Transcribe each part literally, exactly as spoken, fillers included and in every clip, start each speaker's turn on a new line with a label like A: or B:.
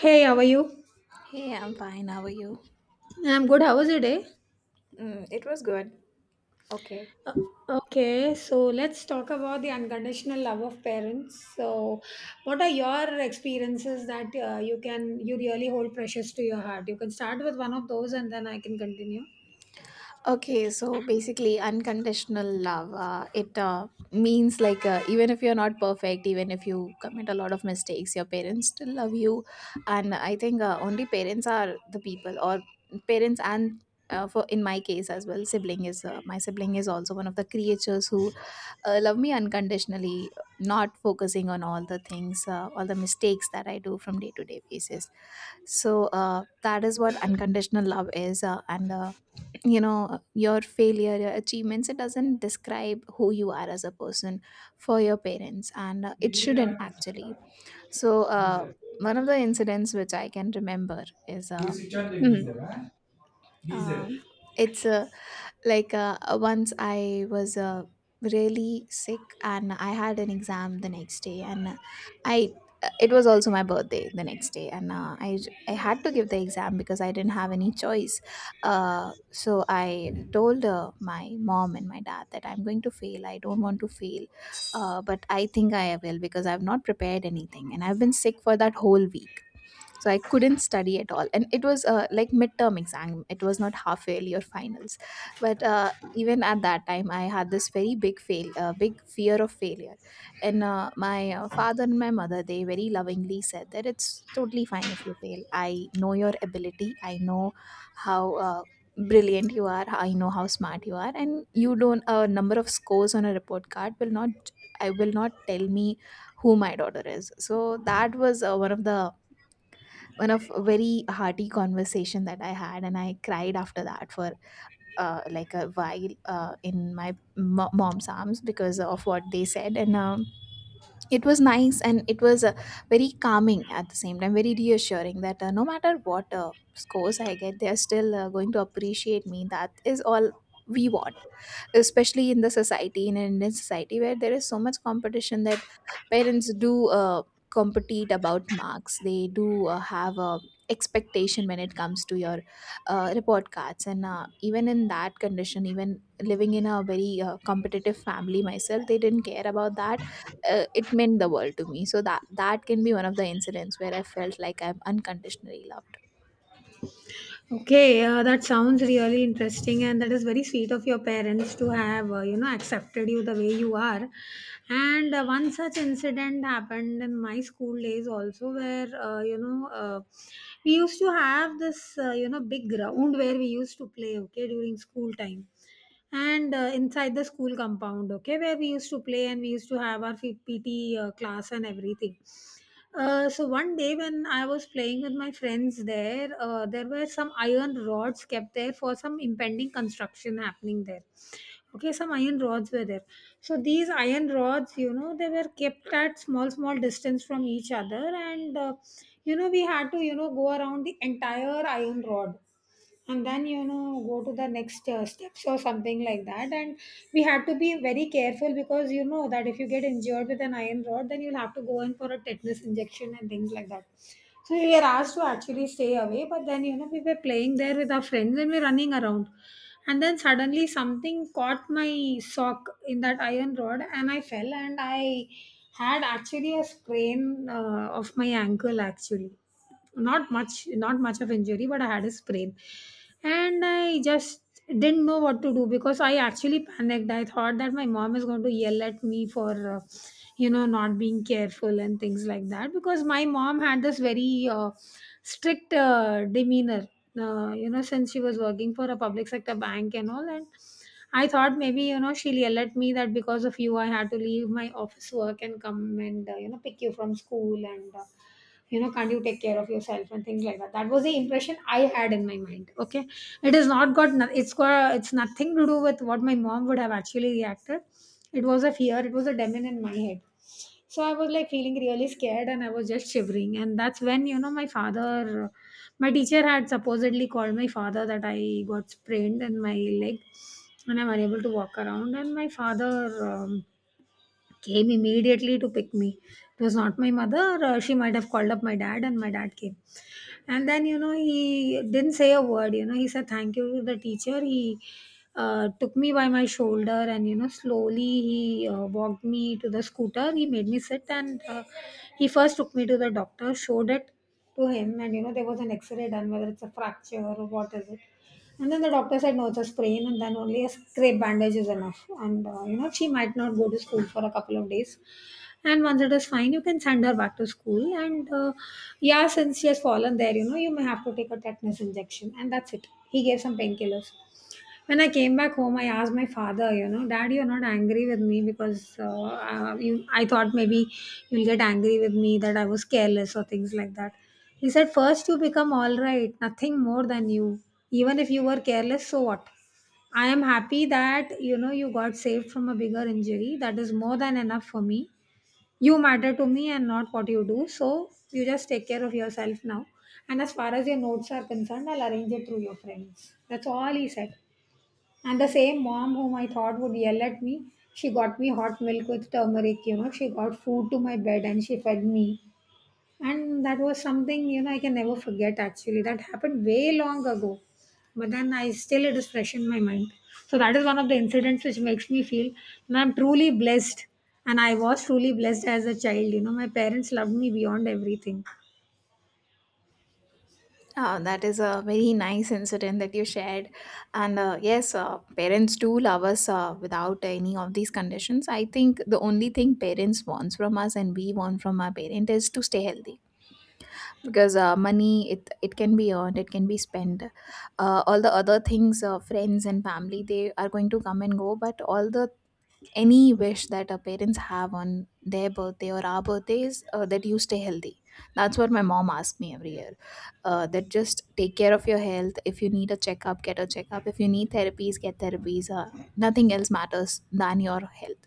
A: Hey, how are you?
B: Hey, I'm fine. How are you?
A: I'm good. How was your day?
B: Mm, it was good. Okay.
A: Uh, Okay, so let's talk about the unconditional love of parents. So, what are your experiences that uh, you can you really hold precious to your heart? You can start with one of those, and then I can continue.
B: Okay, so basically, unconditional love. Uh, it uh, means like uh, even if you're not perfect, even if you commit a lot of mistakes, your parents still love you. And I think uh, only parents are the people, or parents and uh, for in my case as well, sibling is uh, my sibling is also one of the creatures who uh, love me unconditionally, not focusing on all the things, uh, all the mistakes that I do from day to day basis. So uh, that is what unconditional love is uh, and uh, you know uh, your failure, your achievements, it doesn't describe who you are as a person for your parents, and uh, it shouldn't actually. So uh, one of the incidents which I can remember is uh, mm, um, it's a like uh, once I was uh, really sick and I had an exam the next day, and uh, I uh, it was also my birthday the next day, and uh, I I had to give the exam because I didn't have any choice. Uh, so I told uh, my mom and my dad that I'm going to fail. I don't want to fail, uh, but I think I will, because I've not prepared anything and I've been sick for that whole week, so I couldn't study at all. And it was uh, like midterm exam, it was not half yearly or finals. But uh, even at that time, I had this very big fail uh, big fear of failure. And uh, my uh, father and my mother, they very lovingly said that it's totally fine if you fail. I know your ability, I know how uh, brilliant you are, I know how smart you are, and you don't, a number of scores on a report card will not, I will not, tell me who my daughter is. So that was uh, one of the, one of a very hearty conversation that I had, and I cried after that for uh, like a while uh, in my mo- mom's arms because of what they said, and um, it was nice and it was uh, very calming at the same time, very reassuring that uh, no matter what uh, scores I get, they are still uh, going to appreciate me. That is all we want, especially in the society, in an Indian society, where there is so much competition that parents do uh, compete about marks. They do uh, have a expectation when it comes to your uh, report cards. And uh, even in that condition, even living in a very uh, competitive family myself, they didn't care about that. Uh, it meant the world to me. So that, that can be one of the incidents where I felt like I'm unconditionally loved.
A: Okay, uh, that sounds really interesting, and that is very sweet of your parents to have, uh, you know, accepted you the way you are. And uh, one such incident happened in my school days also, where, uh, you know, uh, we used to have this, uh, you know, big ground where we used to play, okay, during school time. And uh, inside the school compound, okay, where we used to play and we used to have our P T uh, class and everything. Uh, so one day when I was playing with my friends there, uh, there were some iron rods kept there for some impending construction happening there. Okay, some iron rods were there. So these iron rods, you know, they were kept at small, small distance from each other, and uh, you know, we had to, you know, go around the entire iron rod and then you know go to the next uh, steps or something like that. And we had to be very careful because you know that if you get injured with an iron rod, then you'll have to go in for a tetanus injection and things like that. So we were asked to actually stay away, but then you know we were playing there with our friends and we were running around, and then suddenly something caught my sock in that iron rod and I fell, and I had actually a sprain uh, of my ankle actually. Not much not much of injury, but I had a sprain. And I just didn't know what to do because I actually panicked. I thought that my mom is going to yell at me for uh, you know not being careful and things like that, because my mom had this very uh, strict uh, demeanor, uh, you know, since she was working for a public sector bank and all. And I thought maybe you know she'll yell at me that because of you I had to leave my office work and come and uh, you know pick you from school and uh, you know can't you take care of yourself and things like that. That was the impression I had in my mind, okay. It has not got no- it's got it's nothing to do with what my mom would have actually reacted. It was a fear, it was a demon in my head. So I was like feeling really scared and I was just shivering, and that's when you know my father, my teacher had supposedly called my father that I got sprained in my leg and I'm unable to walk around. And my father um, came immediately to pick me. It was not my mother. uh, She might have called up my dad, and my dad came. And then you know he didn't say a word. You know he said thank you to the teacher. He uh, took me by my shoulder, and you know slowly he uh, walked me to the scooter. He made me sit, and uh, he first took me to the doctor, showed it to him, and you know there was an x-ray done, whether it's a fracture or what is it. And then the doctor said no, it's a sprain, and then only a scrape bandage is enough. And uh, you know she might not go to school for a couple of days, and once it is fine, you can send her back to school. And uh, yeah, since she has fallen there, you know, you may have to take a tetanus injection. And that's it. He gave some painkillers. When I came back home, I asked my father, you know, "Dad, you're not angry with me? Because uh, uh, you, I thought maybe you'll get angry with me that I was careless or things like that." He said, "First, you become all right, nothing more than you. Even if you were careless, so what? I am happy that you know you got saved from a bigger injury. That is more than enough for me. You matter to me and not what you do, so you just take care of yourself now. And as far as your notes are concerned, I'll arrange it through your friends." That's all he said. And the same mom whom I thought would yell at me, she got me hot milk with turmeric, you know, she got food to my bed and she fed me. And that was something you know I can never forget actually. That happened way long ago, but then I still, it is fresh in my mind. So that is one of the incidents which makes me feel, and I'm truly blessed, and I was truly blessed as a child. You know, my parents loved me beyond everything.
B: Uh, that is a very nice incident that you shared. And uh, yes, uh, parents do love us uh, without any of these conditions. I think the only thing parents want from us, and we want from our parent, is to stay healthy, because uh, money it, it can be earned, it can be spent. Uh, all the other things, uh, friends and family, they are going to come and go. But all the, any wish that our parents have on their birthday or our birthdays, uh, that you stay healthy. That's what my mom asks me every year, uh, that just take care of your health. If you need a checkup, get a checkup. If you need therapies, get therapies. Uh, nothing else matters than your health.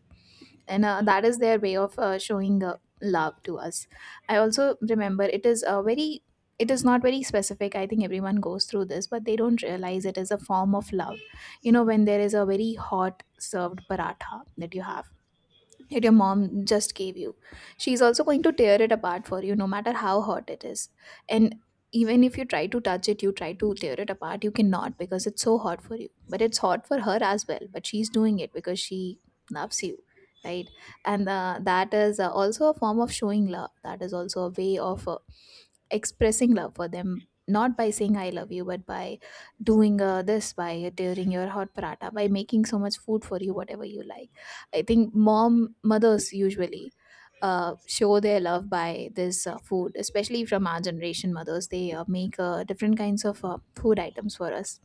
B: And uh, that is their way of uh, showing uh, love to us. I also remember, it is a very, it is not very specific, I think everyone goes through this but they don't realize it is a form of love. You know, when there is a very hot served paratha that you have, that your mom just gave you. She's also going to tear it apart for you, no matter how hot it is. And even if you try to touch it, you try to tear it apart, you cannot, because it's so hot for you. But it's hot for her as well. But she's doing it because she loves you, right? And uh, that is uh, also a form of showing love. That is also a way of uh, expressing love for them. Not by saying I love you, but by doing uh, this, by tearing your hot paratha, by making so much food for you, whatever you like. I think mom mothers usually uh, show their love by this uh, food, especially from our generation mothers. They uh, make uh, different kinds of uh, food items for us.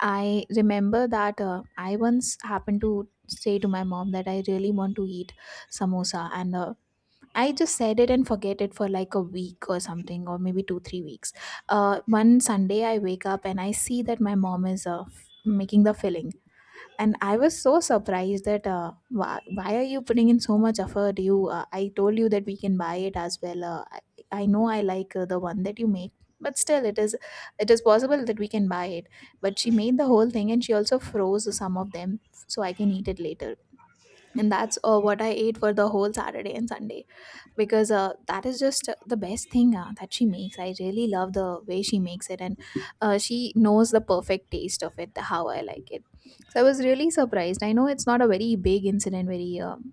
B: I remember that uh, I once happened to say to my mom that I really want to eat samosa, and uh, I just said it and forget it for like a week or something, or maybe two three weeks. Uh, one Sunday I wake up and I see that my mom is uh, f- making the filling, and I was so surprised that, uh, why, why are you putting in so much effort? You uh, I told you that we can buy it as well. uh, I, I know I like uh, the one that you make, but still it is, it is possible that we can buy it. But she made the whole thing, and she also froze some of them so I can eat it later. And that's uh, what I ate for the whole Saturday and Sunday, because uh, that is just uh, the best thing uh, that she makes. I really love the way she makes it, and uh, she knows the perfect taste of it, how I like it. So I was really surprised. I know it's not a very big incident, very um,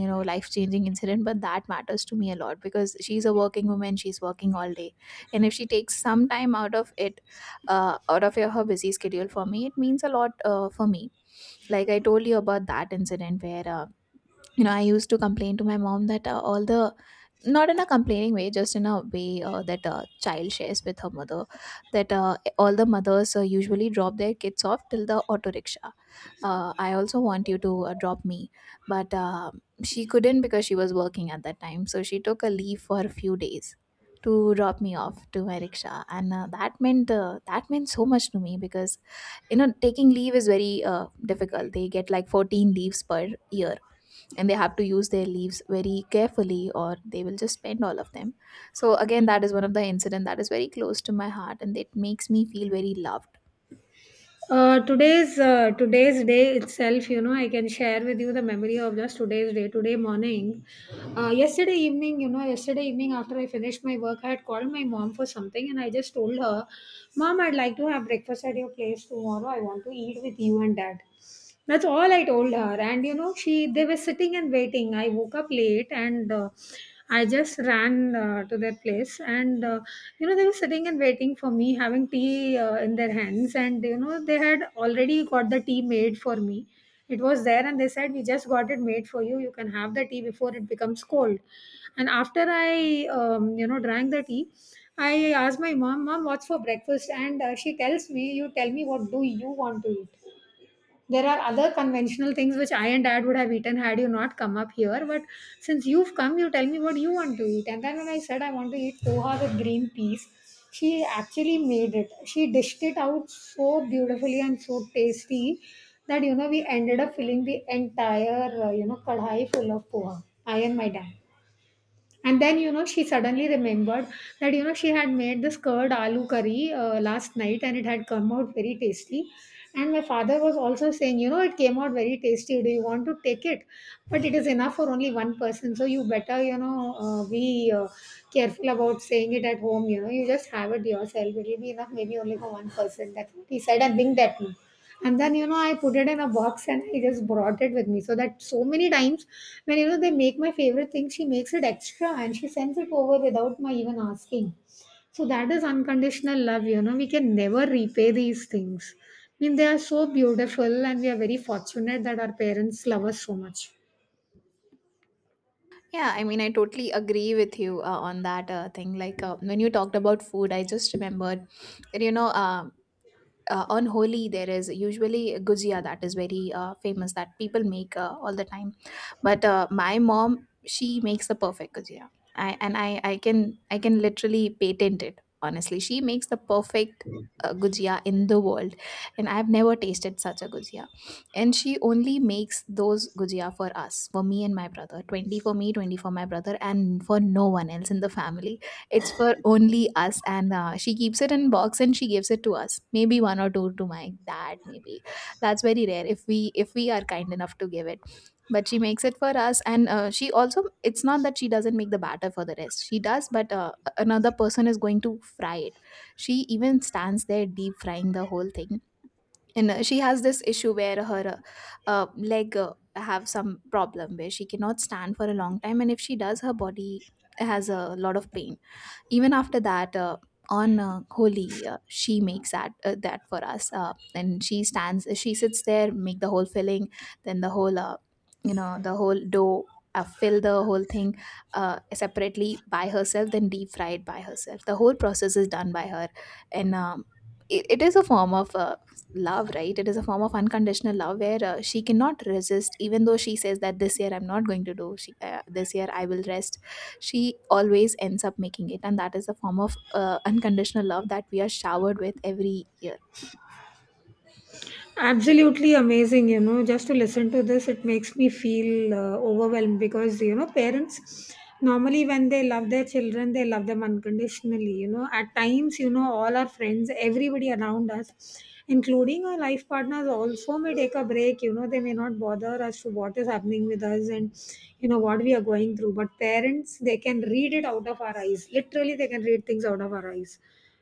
B: you know, life changing incident, but that matters to me a lot, because she's a working woman, she's working all day, and if she takes some time out of it, uh, out of her busy schedule for me, it means a lot uh, for me. Like I told you about that incident where, uh, you know, I used to complain to my mom that, uh, all the, not in a complaining way, just in a way uh, that a child shares with her mother, that uh, all the mothers uh, usually drop their kids off till the auto rickshaw, uh, I also want you to uh, drop me. But uh, she couldn't, because she was working at that time, so she took a leave for a few days to drop me off to my rickshaw. And uh, that meant, uh, that meant so much to me, because you know, taking leave is very uh, difficult. They get like fourteen leaves per year, and they have to use their leaves very carefully, or they will just spend all of them. So again, that is one of the incident that is very close to my heart, and it makes me feel very loved.
A: Uh, today's uh, today's day itself, you know, I can share with you the memory of just today's day. Today morning, uh, yesterday evening, you know, yesterday evening after I finished my work, I had called my mom for something, and I just told her, "Mom, I'd like to have breakfast at your place tomorrow. I want to eat with you and dad." That's all I told her. And you know, she they were sitting and waiting. I woke up late, and uh, I just ran uh, to their place. And uh, you know, they were sitting and waiting for me, having tea uh, in their hands. And you know, they had already got the tea made for me. It was there, and they said, "We just got it made for you. You can have the tea before it becomes cold." And after I, um, you know, drank the tea, I asked my mom, "Mom, what's for breakfast?" And uh, she tells me, "You tell me what do you want to eat. There are other conventional things which I and dad would have eaten had you not come up here. But since you've come, you tell me what you want to eat." And then when I said I want to eat poha with green peas, she actually made it. She dished it out so beautifully and so tasty that you know we ended up filling the entire uh, you know kadhai full of poha, I and my dad. And then, you know, she suddenly remembered that, you know, she had made this curd aloo curry uh, last night, and it had come out very tasty. And my father was also saying, you know, it came out very tasty. "Do you want to take it? But it is enough for only one person. So you better, you know, uh, be uh, careful about saying it at home. You know, you just have it yourself. It will be enough maybe only for one person." That's what he said and winked at me. And then, you know, I put it in a box and I just brought it with me. So that so many times when, you know, they make my favorite thing, she makes it extra and she sends it over without my even asking. So that is unconditional love, you know. We can never repay these things. I mean, they are so beautiful and we are very fortunate that our parents love us so much.
B: Yeah, I mean, I totally agree with you uh, on that uh, thing. Like uh, when you talked about food, I just remembered that, you know, uh, uh, on Holi, there is usually a gujia that is very uh, famous that people make uh, all the time. But uh, my mom, she makes the perfect gujia. I, and I, I can, I can literally patent it. Honestly, she makes the perfect uh, gujia in the world, and I've never tasted such a gujia. And she only makes those gujia for us, for me and my brother. Twenty for me, twenty for my brother, and for no one else in the family. It's for only us, and uh, she keeps it in box and she gives it to us. Maybe one or two to my dad. Maybe that's very rare, if we if we are kind enough to give it. But she makes it for us, and uh, she also, it's not that she doesn't make the batter for the rest. She does, but uh, another person is going to fry it. She even stands there deep frying the whole thing, and uh, she has this issue where her uh, uh, leg uh, have some problem where she cannot stand for a long time, and if she does, her body has a lot of pain. Even after that uh, on uh, Holi, uh, she makes that, uh, that for us, uh, and she stands, she sits there, make the whole filling, then the whole, uh, you know, the whole dough, uh, fill the whole thing uh, separately by herself, then deep fry it by herself. The whole process is done by her, and um, it, it is a form of uh, love, right? It is a form of unconditional love where uh, she cannot resist, even though she says that this year I'm not going to do, she, uh, this year I will rest. She always ends up making it, and that is a form of uh, unconditional love that we are showered with every year.
A: Absolutely amazing, you know, just to listen to this, it makes me feel uh, overwhelmed because, you know, parents normally when they love their children, they love them unconditionally. You know, at times, you know, all our friends, everybody around us, including our life partners, also may take a break. You know, they may not bother as to what is happening with us and, you know, what we are going through. But parents, they can read it out of our eyes. Literally, they can read things out of our eyes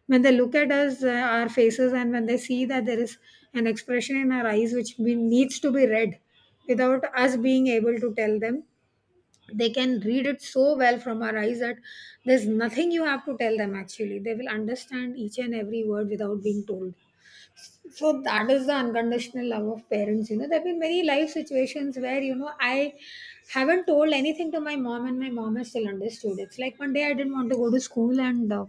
A: when they look at us, uh, our faces, and when they see that there is an expression in our eyes which be, needs to be read without us being able to tell them. They can read it so well from our eyes that there's nothing you have to tell them actually. They will understand each and every word without being told. So that is the unconditional love of parents. You know, there have been many life situations where, you know, I haven't told anything to my mom and my mom has still understood. It's like one day I didn't want to go to school and, uh,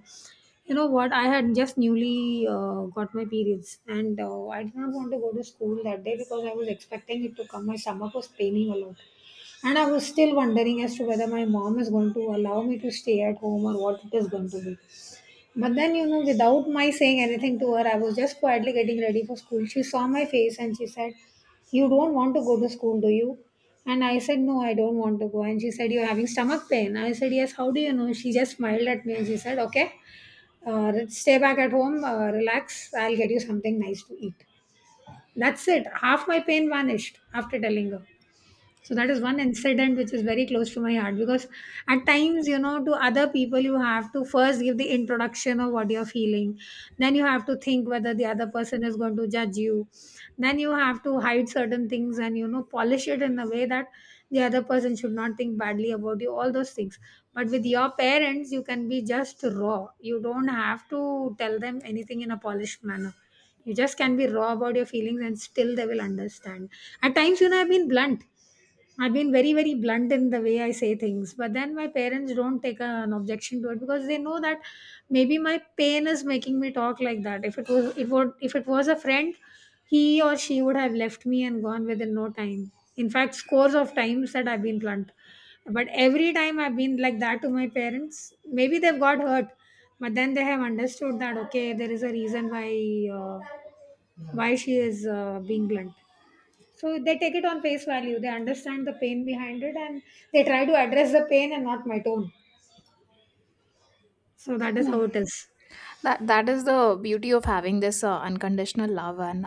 A: you know what, I had just newly uh, got my periods, and uh, I did not want to go to school that day because I was expecting it to come. My stomach was paining a lot. And I was still wondering as to whether my mom is going to allow me to stay at home or what it is going to be. But then, you know, without my saying anything to her, I was just quietly getting ready for school. She saw my face and she said, "You don't want to go to school, do you?" And I said, "No, I don't want to go." And she said, "You're having stomach pain." I said, "Yes, how do you know?" She just smiled at me and she said, "Okay, uh, stay back at home, uh, relax, I'll get you something nice to eat." That's it. Half my pain vanished after telling her. So that is one incident which is very close to my heart because at times, you know, to other people, you have to first give the introduction of what you're feeling. Then you have to think whether the other person is going to judge you. Then you have to hide certain things and, you know, polish it in a way that the other person should not think badly about you, all those things. But with your parents, you can be just raw. You don't have to tell them anything in a polished manner. You just can be raw about your feelings and still they will understand. At times, you know, I've been blunt. I've been very, very blunt in the way I say things, but then my parents don't take an objection to it because they know that maybe my pain is making me talk like that. If it was, it would, if it was a friend, he or she would have left me and gone within no time. In fact, scores of times that I've been blunt, but every time I've been like that to my parents, maybe they've got hurt, but then they have understood that okay, there is a reason why uh, why she is uh, being blunt. So they take it on face value. They understand the pain behind it and they try to address the pain and not my tone. So that is how
B: Yeah,
A: it is.
B: that, that is the beauty of having this uh, unconditional love, and